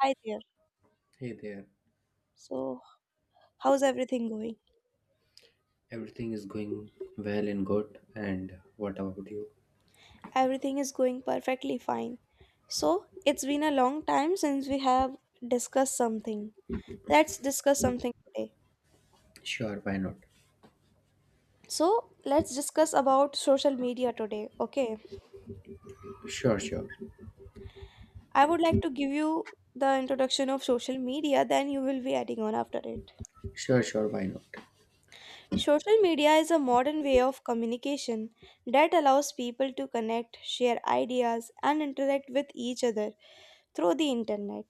Hi there. Hey there, So, how's everything going? everything is going well and good, and what about you? Everything is going perfectly fine. So, it's been a long time since we have discussed something. Let's discuss something today. Sure, why not? So, let's discuss about social media today. Okay. Sure, sure. I would like to give you the introduction of social media, then you will be adding on after it. Sure, sure, why not? Social media is a modern way of communication that allows people to connect, share ideas, and interact with each other through the internet.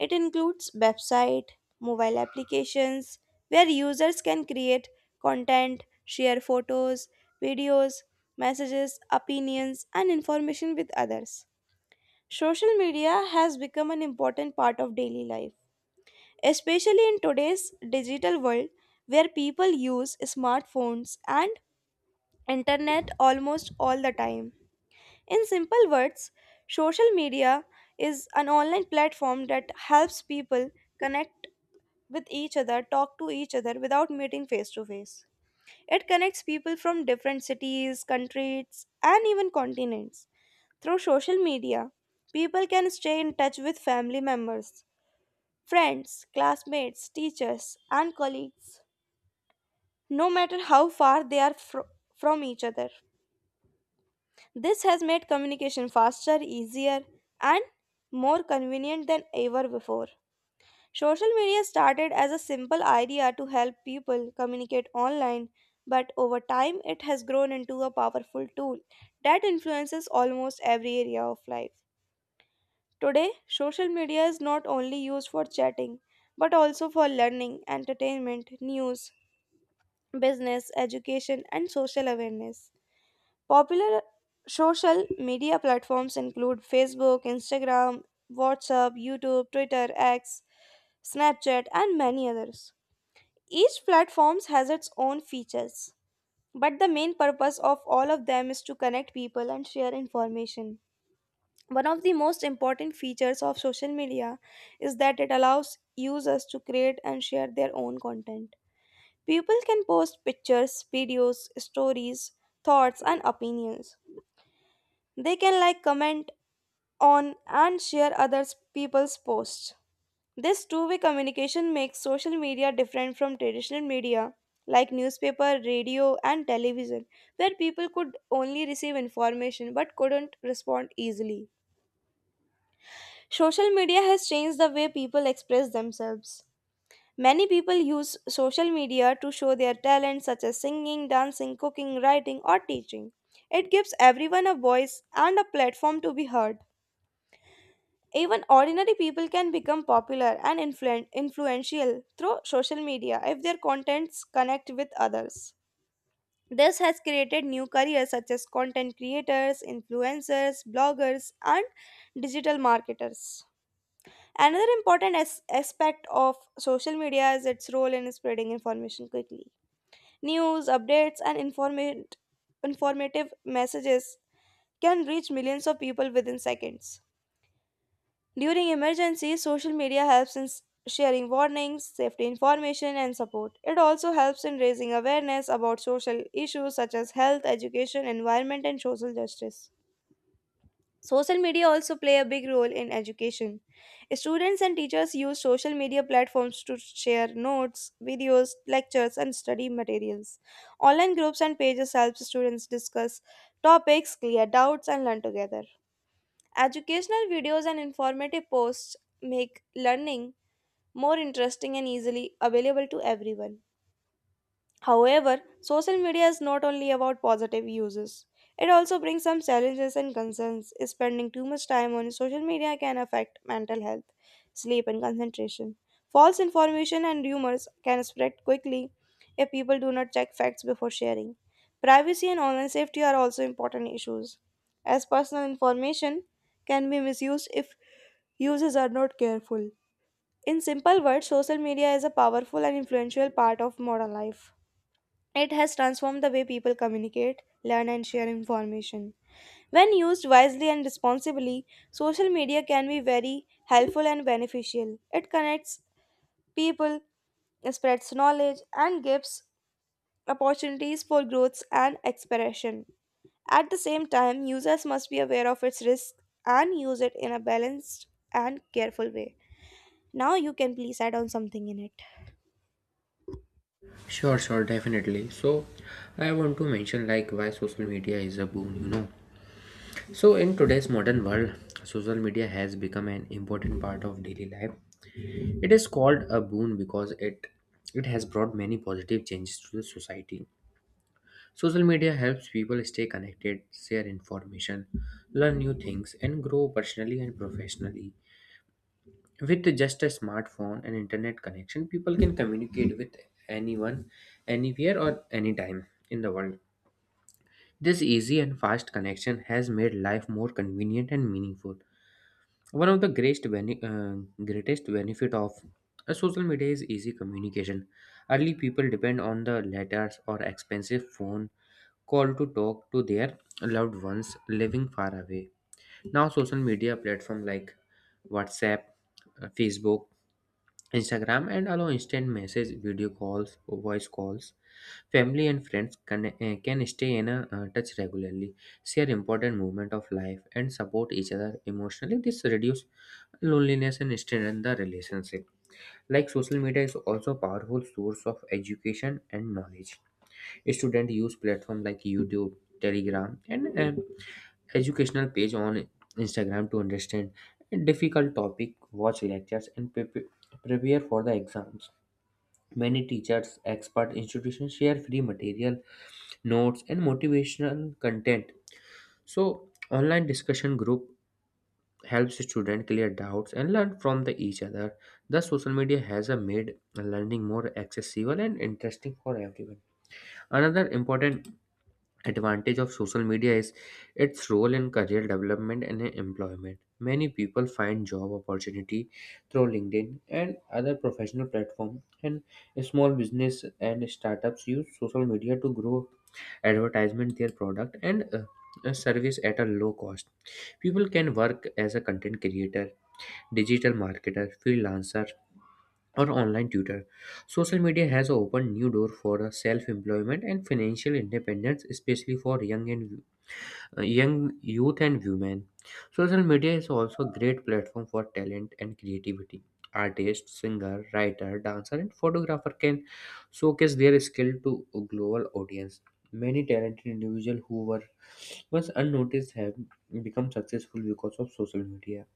It includes website, mobile applications where users can create content, share photos, videos, messages, opinions, and information with others. Social media has become an important part of daily life especially in today's digital world where people use smartphones and internet almost all the time. In simple words, social media is an online platform that helps people connect with each other, talk to each other without meeting face to face. It connects people from different cities, countries, and even continents. Through social media, people can stay in touch with family members, friends, classmates, teachers, and colleagues no matter how far they are from each other. This has made communication faster, easier, and more convenient than ever before. Social media started as a simple idea to help people communicate online, but over time it has grown into a powerful tool that influences almost every area of life. Today, social media is not only used for chatting, but also for learning, entertainment, news, business, education, and social awareness. Popular social media platforms include Facebook, Instagram, WhatsApp, YouTube, Twitter, X, Snapchat, and many others. Each platform has its own features, but the main purpose of all of them is to connect people and share information. One of the most important features of social media is that it allows users to create and share their own content. People can post pictures, videos, stories, thoughts, and opinions. They can like comment on and share other people's posts. This two-way communication makes social media different from traditional media like newspaper, radio and television where people could only receive information but couldn't respond easily. Social media has changed the way people express themselves. Many people use social media to show their talents such as singing, dancing, cooking, writing or teaching. It gives everyone a voice and a platform to be heard. Even ordinary people can become popular and influential through social media if their contents connect with others. This has created new careers such as content creators, influencers, bloggers, and digital marketers. Another important aspect of social media is its role in spreading information quickly. News, updates, and informative messages can reach millions of people within seconds. During emergencies, social media helps in sharing warnings, safety information, and support. It also helps in raising awareness about social issues such as health, education, environment, and social justice. Social media also play a big role in education. Students and teachers use social media platforms to share notes, videos, lectures, and study materials. Online groups and pages help students discuss topics, clear doubts, and learn together. Educational videos and informative posts make learning more interesting and easily available to everyone. However, social media is not only about positive uses. It also brings some challenges and concerns. Spending too much time on social media can affect mental health, sleep, and concentration. False information and rumors can spread quickly if people do not check facts before sharing. Privacy and online safety are also important issues, as personal information can be misused if users are not careful. In simple words, social media is a powerful and influential part of modern life. It has transformed the way people communicate, learn, and share information. When used wisely and responsibly, social media can be very helpful and beneficial. It connects people, spreads knowledge, and gives opportunities for growth and expression. At the same time, users must be aware of its risks and use it in a balanced and careful way. Now, you can please add on something in it. Sure, sure, definitely. I want to mention why social media is a boon, So, in today's modern world, social media has become an important part of daily life. It is called a boon because it has brought many positive changes to the society. Social media helps people stay connected, share information, learn new things, and grow personally and professionally. With just a smartphone and internet connection, people can communicate with anyone, anywhere, or anytime in the world. This easy and fast connection has made life more convenient and meaningful. One of the greatest benefit of a social media is easy communication. Early people depend on the letters or expensive phone call to talk to their loved ones living far away. Now, social media platform like WhatsApp, Facebook, Instagram, and allow instant message, video calls, voice calls. Family and friends can stay in a touch regularly, share important movement of life, and support each other emotionally. This reduce loneliness and strengthen the relationship. Like social media is also a powerful source of education and knowledge. Students use platforms like YouTube, Telegram, and an educational page on Instagram to understand difficult topic, watch lectures, and prepare for the exams. Many teachers, expert institutions share free material, notes, and motivational content. So, online discussion group helps students clear doubts and learn from the each other. Thus, social media has made learning more accessible and interesting for everyone. Another important advantage of social media is its role in career development and employment. Many people find job opportunity through LinkedIn and other professional platforms, and small business and startups use social media to grow advertisement their product and a service at a low cost. People can work as a content creator, digital marketer, freelancer, or online tutor. Social media has opened new door for self-employment and financial independence, especially for young youth and women. Social media is also a great platform for talent and creativity. Artists, singer, writer, dancer, and photographer can showcase their skill to a global audience. Many talented individuals who were once unnoticed have become successful because of social media.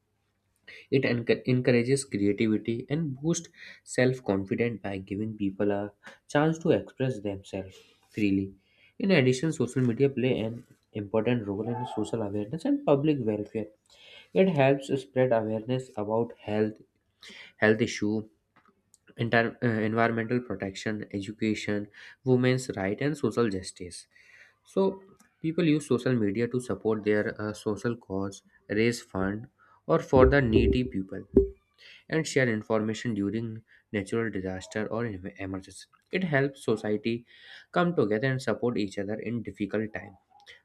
It encourages creativity and boosts self confidence by giving people a chance to express themselves freely. In addition, social media play an important role in social awareness and public welfare. It helps spread awareness about health, health issue, environmental protection, education, women's right, and social justice. So, people use social media to support their social cause, raise fund, or for the needy people and share information during natural disaster or emergency. It helps society come together and support each other in difficult time.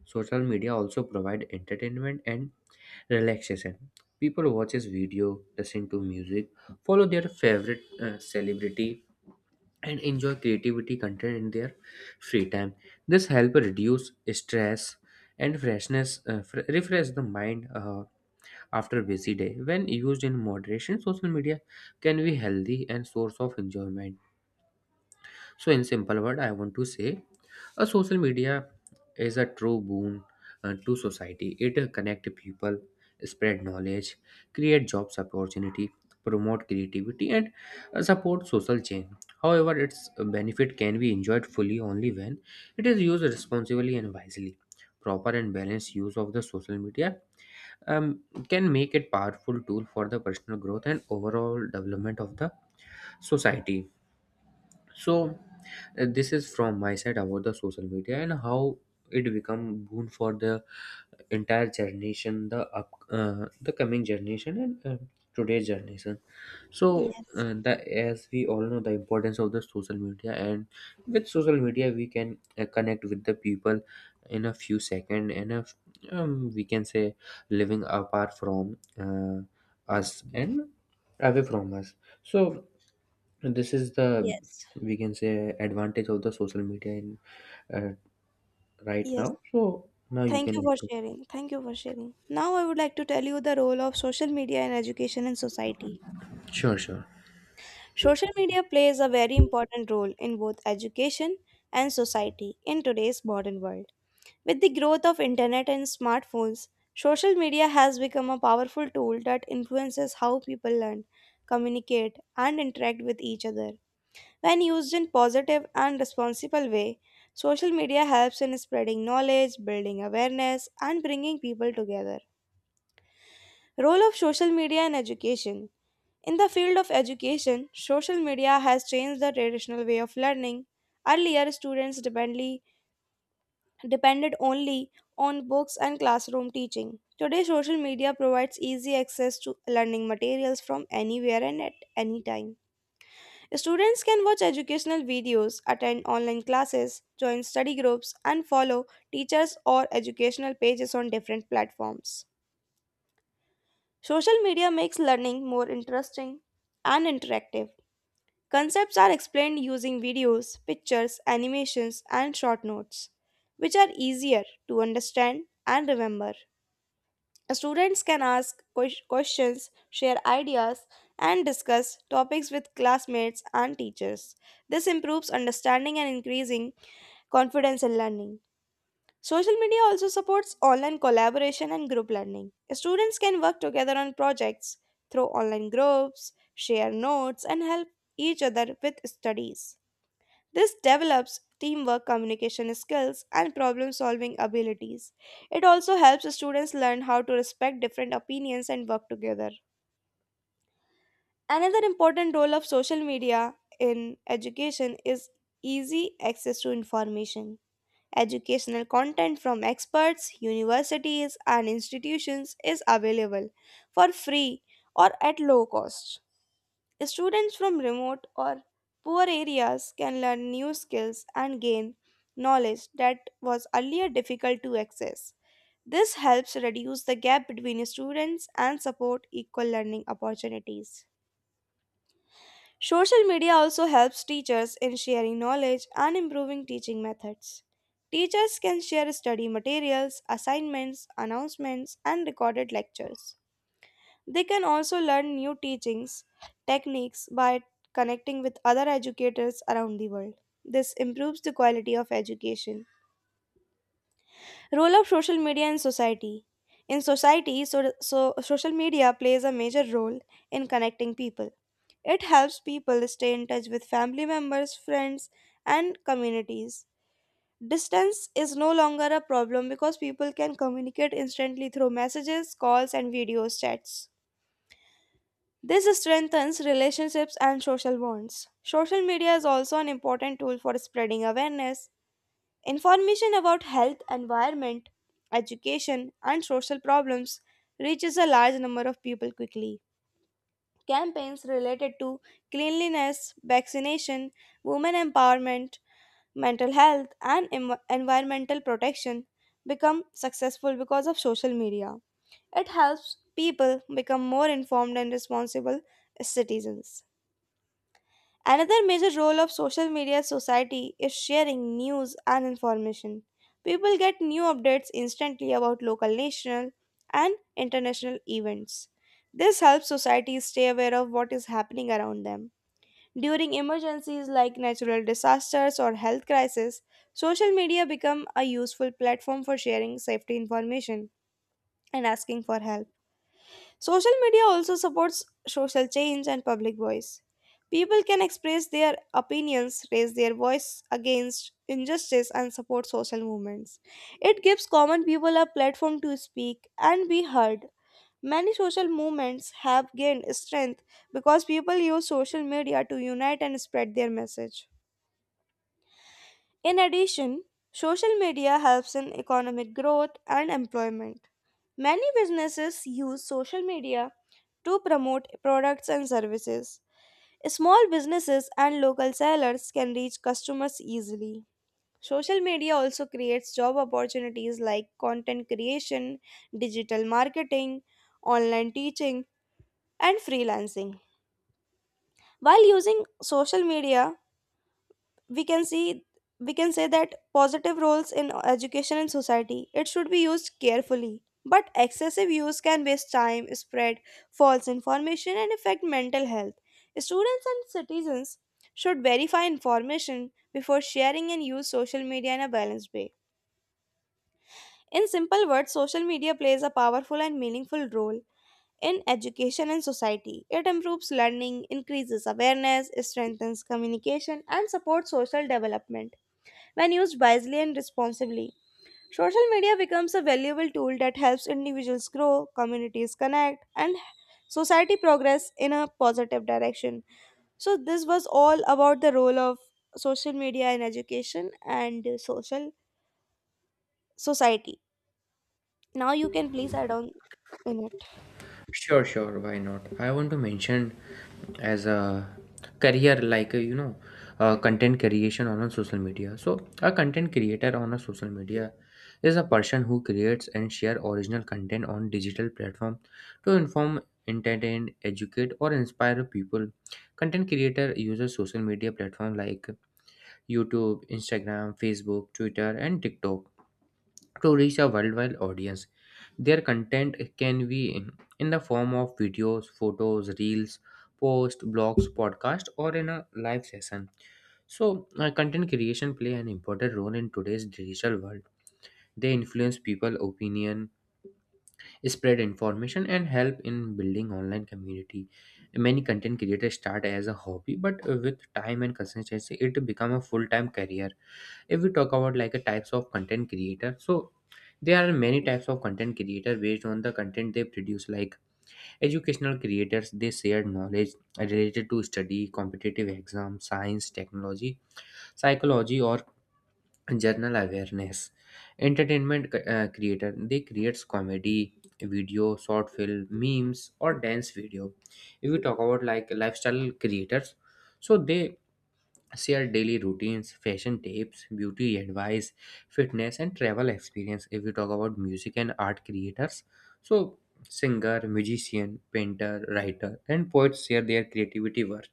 Social media also provide entertainment and relaxation. People watches video, listen to music, follow their favorite celebrity and enjoy creativity content in their free time. This help reduce stress and refresh the mind after busy day. When used in moderation, social media can be healthy and source of enjoyment. So in simple word, I want to say a social media is a true boon to society. It connect people, spread knowledge, create jobs opportunity, promote creativity, and support social change. However, its benefit can be enjoyed fully only when it is used responsibly and wisely. Proper and balanced use of the social media um, can make it powerful tool for the personal growth and overall development of the society. So this is from my side about the social media and how it become boon for the entire generation, the coming generation, and today's generation. So, Yes, the as we all know the importance of the social media, and with social media we can connect with the people in a few seconds, and we can say living apart from us and away from us. So, this is the, yes, we can say, advantage of the social media in uh, right yes. now. So now you Thank can you add for to. sharing. Thank you for sharing. Now, I would like to tell you the role of social media in education and society. Sure, sure. Social media plays a very important role in both education and society in today's modern world. With the growth of internet and smartphones, social media has become a powerful tool that influences how people learn, communicate, and interact with each other. When used in positive and responsible way, social media helps in spreading knowledge, building awareness, and bringing people together. Role of social media and education. In the field of education, social media has changed the traditional way of learning. Earlier, students depended only on books and classroom teaching. Today, social media provides easy access to learning materials from anywhere and at any time. Students can watch educational videos, attend online classes, join study groups, and follow teachers or educational pages on different platforms. Social media makes learning more interesting and interactive. Concepts are explained using videos, pictures, animations, and short notes, which are easier to understand and remember. Students can ask questions, share ideas, and discuss topics with classmates and teachers. This improves understanding and increasing confidence in learning. Social media also supports online collaboration and group learning. Students can work together on projects through online groups, share notes, and help each other with studies. This develops teamwork, communication skills, and problem solving abilities. It also helps students learn how to respect different opinions and work together. Another important role of social media in education is easy access to information. Educational content from experts, universities, and institutions is available for free or at low cost. Students from remote or poor areas can learn new skills and gain knowledge that was earlier difficult to access. This helps reduce the gap between students and support equal learning opportunities. Social media also helps teachers in sharing knowledge and improving teaching methods. Teachers can share study materials, assignments, announcements, and recorded lectures. They can also learn new teachings techniques by connecting with other educators around the world. This improves the quality of education. Role of social media in society. In society, so social media plays a major role in connecting people. It helps people stay in touch with family members, friends, and communities. Distance is no longer a problem because people can communicate instantly through messages, calls, and video chats. This strengthens relationships and social bonds. Social media is also an important tool for spreading awareness, information about health, environment, education, and social problems reaches a large number of people quickly. Campaigns related to cleanliness, vaccination, women empowerment, mental health, and environmental protection become successful because of social media. It helps people become more informed and responsible citizens. Another major role of social media society is sharing news and information. People get new updates instantly about local, national, and international events. This helps society stay aware of what is happening around them. During emergencies like natural disasters or health crisis, social media become a useful platform for sharing safety information and asking for help. Social media also supports social change and public voice. People can express their opinions, raise their voice against injustice, and support social movements. It gives common people a platform to speak and be heard. Many social movements have gained strength because people use social media to unite and spread their message. In addition, social media helps in economic growth and employment. Many businesses use social media to promote products and services. Small businesses and local sellers can reach customers easily. Social media also creates job opportunities like content creation, digital marketing, online teaching, and freelancing. While using social media, we can see, we can say that positive roles in education and society, it should be used carefully, but excessive use can waste time, spread false information, and affect mental health. Students and citizens should verify information before sharing and use social media in a balanced way. In simple words, social media plays a powerful and meaningful role in education and society. It improves learning, increases awareness, strengthens communication, and supports social development when used wisely and responsibly. Social media becomes a valuable tool that helps individuals grow, communities connect, and society progress in a positive direction. So, this was all about the role of social media in education and social society. Now, you can please add on in it. Sure, sure, why not? I want to mention as a career, content creation on a social media. So, a content creator on a social media is a person who creates and share original content on digital platform to inform, entertain, educate, or inspire people. Content creator uses social media platform like YouTube, Instagram, Facebook, Twitter, and TikTok to reach a worldwide audience. Their content can be in the form of videos, photos, reels, posts, blogs, podcast, or in a live session. So, content creation play an important role in today's digital world. They influence people' opinion, spread information, and help in building online community. Many content creators start as a hobby, but with time and consistency, it become a full-time career. If we talk about a types of content creator, so there are many types of content creator based on the content they produce. Like educational creators, they share knowledge related to study, competitive exam, science, technology, psychology, or general awareness. Entertainment creator, they creates comedy video, short film, memes, or dance video. If we talk about lifestyle creators, so they share daily routines, fashion tips, beauty advice, fitness, and travel experience. If we talk about music and art creators, so singer, musician, painter, writer, and poets share their creativity work.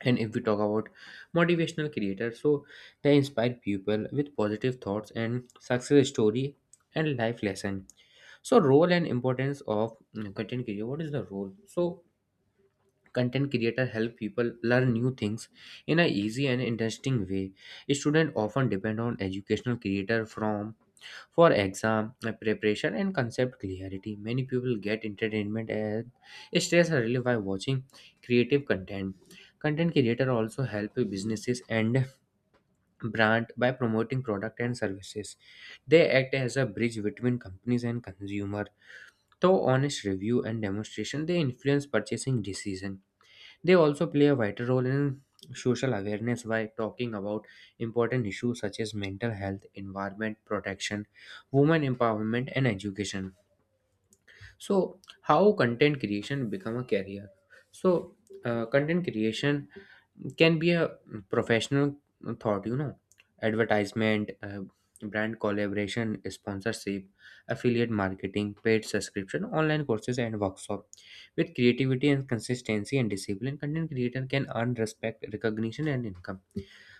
And if we talk about motivational creators, so they inspire people with positive thoughts and success story and life lesson. So role and importance of content creator. What is the role? So content creator help people learn new things in a easy and interesting way. Students often depend on educational creator from for exam preparation and concept clarity. Many people get entertainment and stress relief by watching creative content. Content creator also help businesses and brand by promoting product and services. They act as a bridge between companies and consumer. Through honest review and demonstration, they influence purchasing decision. They also play a vital role in social awareness by talking about important issues such as mental health, environment protection, women empowerment, and education. So how content creation become a career? So content creation can be a professional thought. Advertisement, brand collaboration, sponsorship, affiliate marketing, paid subscription, online courses, and workshop. With creativity and consistency and discipline, content creator can earn respect, recognition, and income.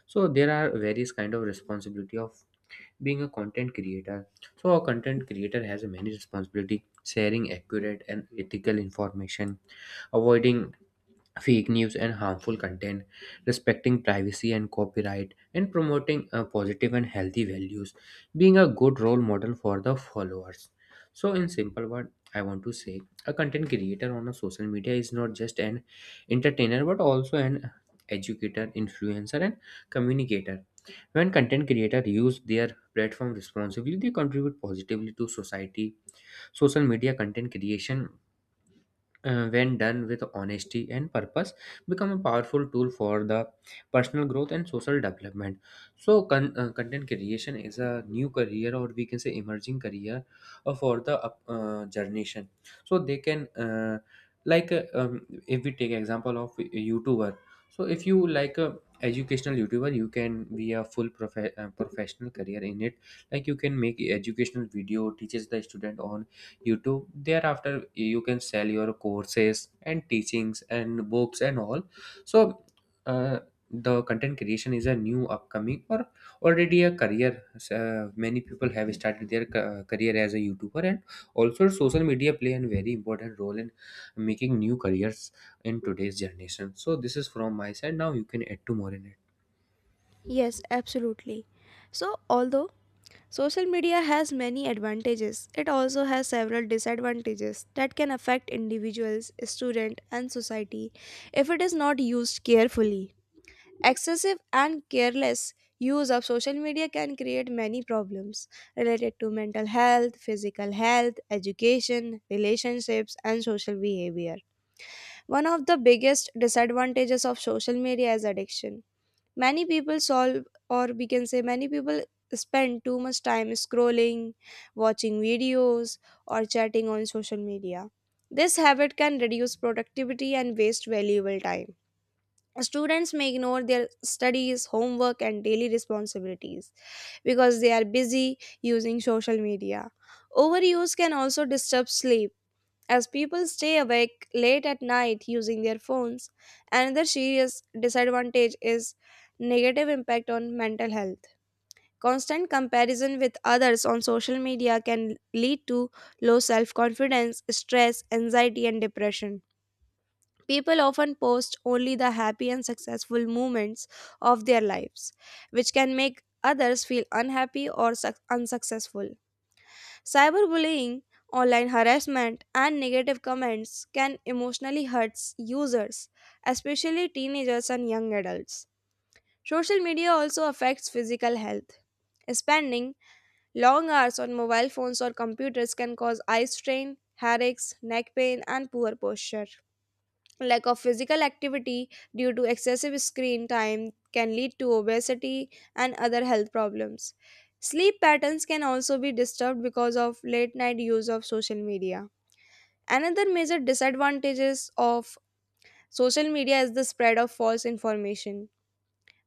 So there are various kind of responsibility of being a content creator. So a content creator has many responsibility: sharing accurate and ethical information, avoiding fake news and harmful content, respecting privacy and copyright, and promoting positive and healthy values, being a good role model for the followers. So in simple word, I want to say a content creator on a social media is not just an entertainer but also an educator, influencer, and communicator. When content creators use their platform responsibly, they contribute positively to society. Social media content creation, when done with honesty and purpose, become a powerful tool for the personal growth and social development. So content creation is a new career, or we can say emerging career for the generation. So they can if we take example of a youtuber, so if you like a educational youtuber, you can be a full professional career in it. Like you can make educational video, teaches the student on youtube, thereafter you can sell your courses and teachings and books and all. So uh, the content creation is a new upcoming or already a career. Many people have started their career as a youtuber, and also social media play a very important role in making new careers in today's generation. So this is from my side. Now you can add to more in it. Yes, absolutely. So, although social media has many advantages. It also has several disadvantages that can affect individuals, students, and society if it is not used carefully. Excessive and careless use of social media can create many problems related to mental health, physical health, education, relationships, and social behavior. One of the biggest disadvantages of social media is addiction. Many people solve, or we can say many people spend too much time scrolling, watching videos, or chatting on social media. This habit can reduce productivity and waste valuable time. Students may ignore their studies, homework, and daily responsibilities because they are busy using social media. Overuse can also disturb sleep, as people stay awake late at night using their phones. Another serious disadvantage is negative impact on mental health. Constant comparison with others on social media can lead to low self-confidence, stress, anxiety and depression. People often post only the happy and successful moments of their lives, which can make others feel unhappy or unsuccessful. Cyberbullying, online harassment, and negative comments can emotionally hurt users, especially teenagers and young adults. Social media also affects physical health. Spending long hours on mobile phones or computers can cause eye strain, headaches, neck pain, and poor posture. Lack of physical activity due to excessive screen time can lead to obesity and other health problems. Sleep patterns can also be disturbed because of late night use of social media. Another major disadvantages of social media is the spread of false information,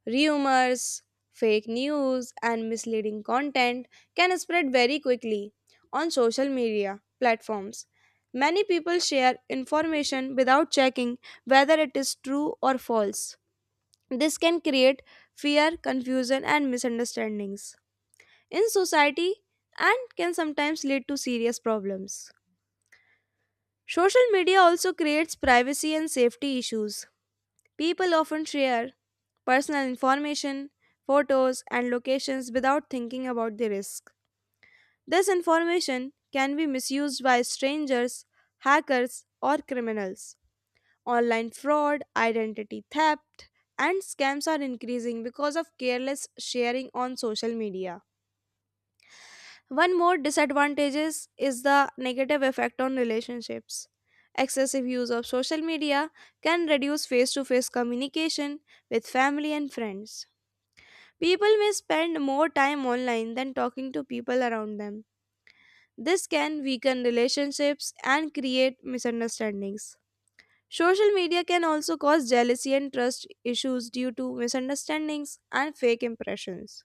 rumors, fake news, and misleading content can spread very quickly on social media platforms. Many people share information without checking whether it is true or false. This can create fear, confusion, and misunderstandings in society and can sometimes lead to serious problems. Social media also creates privacy and safety issues. People often share personal information, photos, and locations without thinking about the risk. This information can be misused by strangers, hackers, or criminals. Online fraud, identity theft, and scams are increasing because of careless sharing on social media. One more disadvantages is the negative effect on relationships. Excessive use of social media can reduce face-to-face communication with family and friends. People may spend more time online than talking to people around them. This can weaken relationships and create misunderstandings. Social media can also cause jealousy and trust issues due to misunderstandings and fake impressions.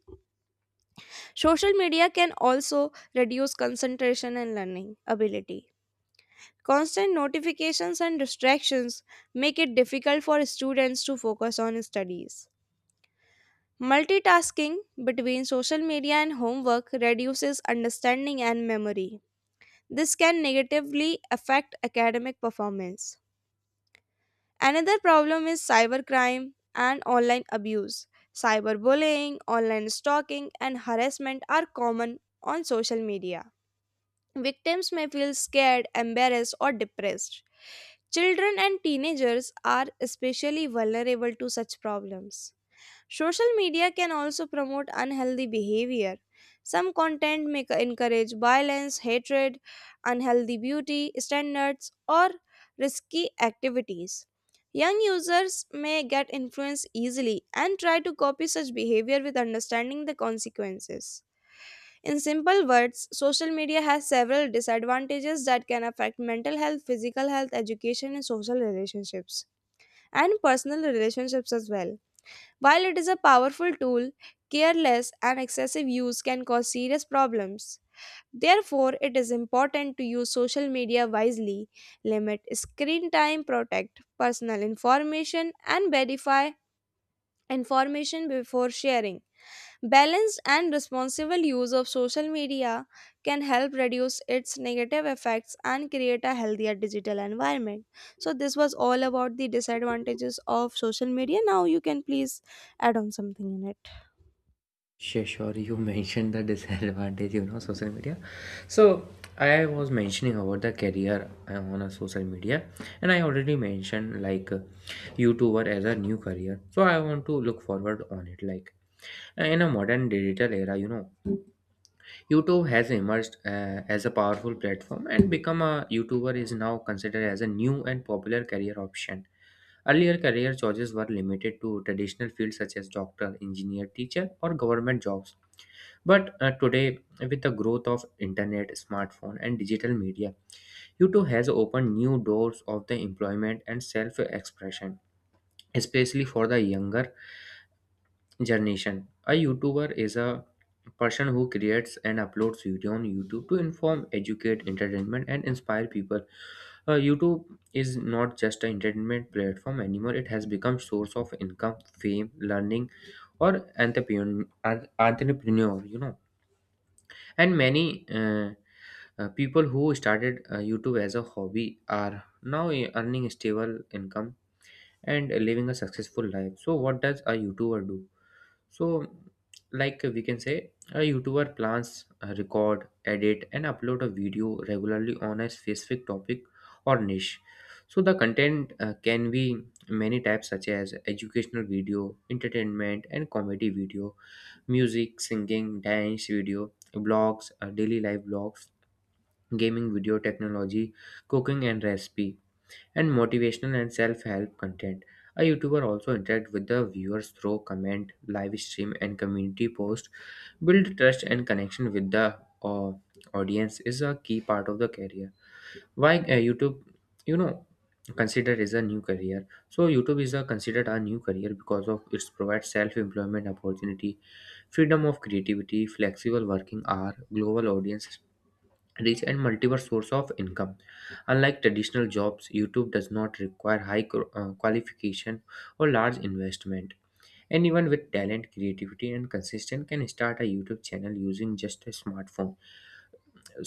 Social media can also reduce concentration and learning ability. Constant notifications and distractions make it difficult for students to focus on studies. Multitasking between social media and homework reduces understanding and memory. This can negatively affect academic performance. Another problem is cybercrime and online abuse. Cyberbullying, online stalking, and harassment are common on social media. Victims may feel scared, embarrassed, or depressed. Children and teenagers are especially vulnerable to such problems. Social media can also promote unhealthy behavior. Some content may encourage violence, hatred, unhealthy beauty standards, or risky activities. Young users may get influenced easily and try to copy such behavior with understanding the consequences. In simple words, social media has several disadvantages that can affect mental health, physical health, education, and social relationships, and personal relationships as well. While it is a powerful tool, careless and excessive use can cause serious problems. Therefore, it is important to use social media wisely, limit screen time, protect personal information, and verify information before sharing. Balanced and responsible use of social media can help reduce its negative effects and create a healthier digital environment. So, this was all about the disadvantages of social media. Now, you can please add on something in it. Sure, sure. You mentioned the disadvantage, you know, social media. So I was mentioning about the career on a social media, and I already mentioned YouTuber as a new career. So I want to look forward on it. Like in a modern digital era, you know, YouTube has emerged as a powerful platform, and become a YouTuber is now considered as a new and popular career option. Earlier career choices were limited to traditional fields such as doctor, engineer, teacher, or government jobs. But today, with the growth of internet, smartphone, and digital media, YouTube has opened new doors of the employment and self-expression, especially for the younger generation. A YouTuber is a person who creates and uploads video on YouTube to inform, educate, entertainment, and inspire people. YouTube is not just an entertainment platform anymore; it has become source of income, fame, learning, or entrepreneur. You know, and many. People who started YouTube as a hobby are now earning stable income and living a successful life. So, what does a YouTuber do? So, like we can say, a YouTuber plans, record, edit, and upload a video regularly on a specific topic or niche. So, the content can be many types, such as educational video, entertainment, and comedy video, music, singing, dance video, blogs, daily life blogs, gaming, video technology, cooking and recipe, and motivational and self-help content. A YouTuber also interact with the viewers through comment, live stream, and community post. Build trust and connection with the audience is a key part of the career. Why YouTube? You know, considered is a new career. So YouTube is a considered a new career because of its provides self-employment opportunity, freedom of creativity, flexible working hour, global audience reach, and multiple source of income. Unlike traditional jobs, youtube does not require high qualification or large investment. Anyone with talent, creativity, and consistent can start a youtube channel using just a smartphone.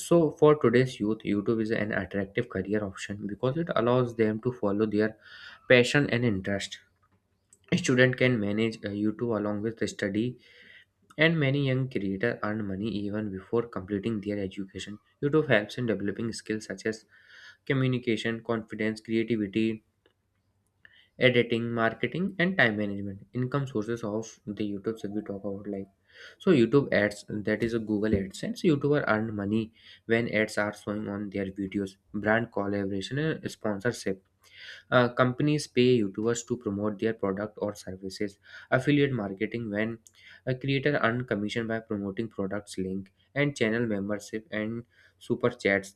So for today's youth, youtube is an attractive career option because it allows them to follow their passion and interest. A student can manage youtube along with the study, and many young creators earn money even before completing their education. Youtube helps in developing skills such as communication, confidence, creativity, editing, marketing, and time management. Income sources of the YouTube that we talk about, like so YouTube ads, that is a Google AdSense. YouTuber earn money when ads are showing on their videos, brand collaboration and sponsorship. Companies pay YouTubers to promote their product or services. Affiliate marketing, when a creator earn commission by promoting products link, and channel membership and super chats,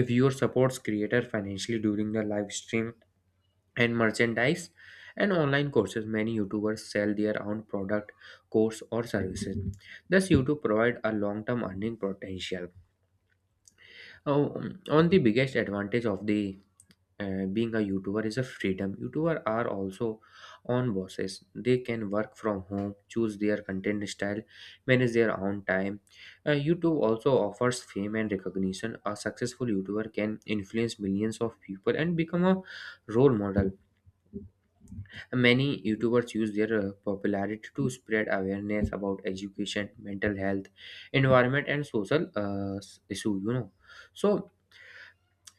if your supports creator financially during the live stream, and merchandise and online courses. Many YouTubers sell their own product, course, or services. Thus, YouTube provide a long-term earning potential. Oh, on the biggest advantage of the and being a youtuber is a freedom. Youtuber are also on bosses, they can work from home, choose their content style, manage their own time. Youtube also offers fame and recognition. A successful youtuber can influence millions of people and become a role model. Many youtubers use their popularity to spread awareness about education, mental health, environment, and social issue, you know. So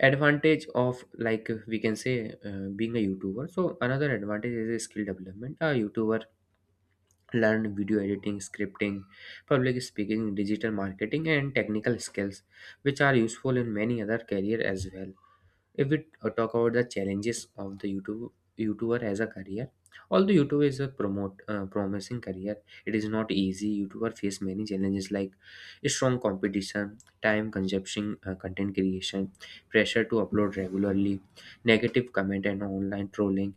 advantage of, like we can say, being a youtuber, so another advantage is a skill development. A youtuber learn video editing, scripting, public speaking, digital marketing, and technical skills which are useful in many other career as well. If we talk about the challenges of the youtube, youtuber as a career, although youtube is a promote promising career, it is not easy. Youtuber face many challenges like strong competition, time consuming content creation, pressure to upload regularly, negative comment and online trolling,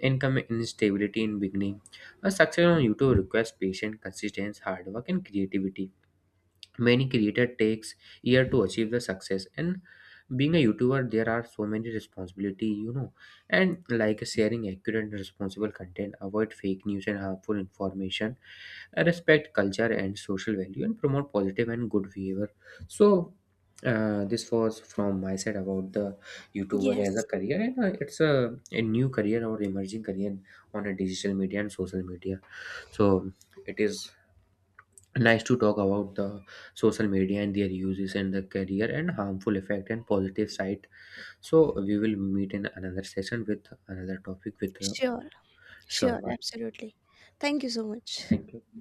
income instability in beginning. A success on youtube requires patience, consistency, hard work, and creativity. Many creator takes year to achieve the success. And being a youtuber, there are so many responsibility, you know, and like sharing accurate and responsible content, avoid fake news and harmful information, respect culture and social value, and promote positive and good behavior. So this was from my side about the youtuber as a Yes, career, and it's a new career or emerging career on a digital media and social media. So it is nice to talk about the social media and their uses and the career and harmful effect and positive side. So we will meet in another session with another topic with sure, sure, sure, bye. absolutely. Thank you so much. Thank you.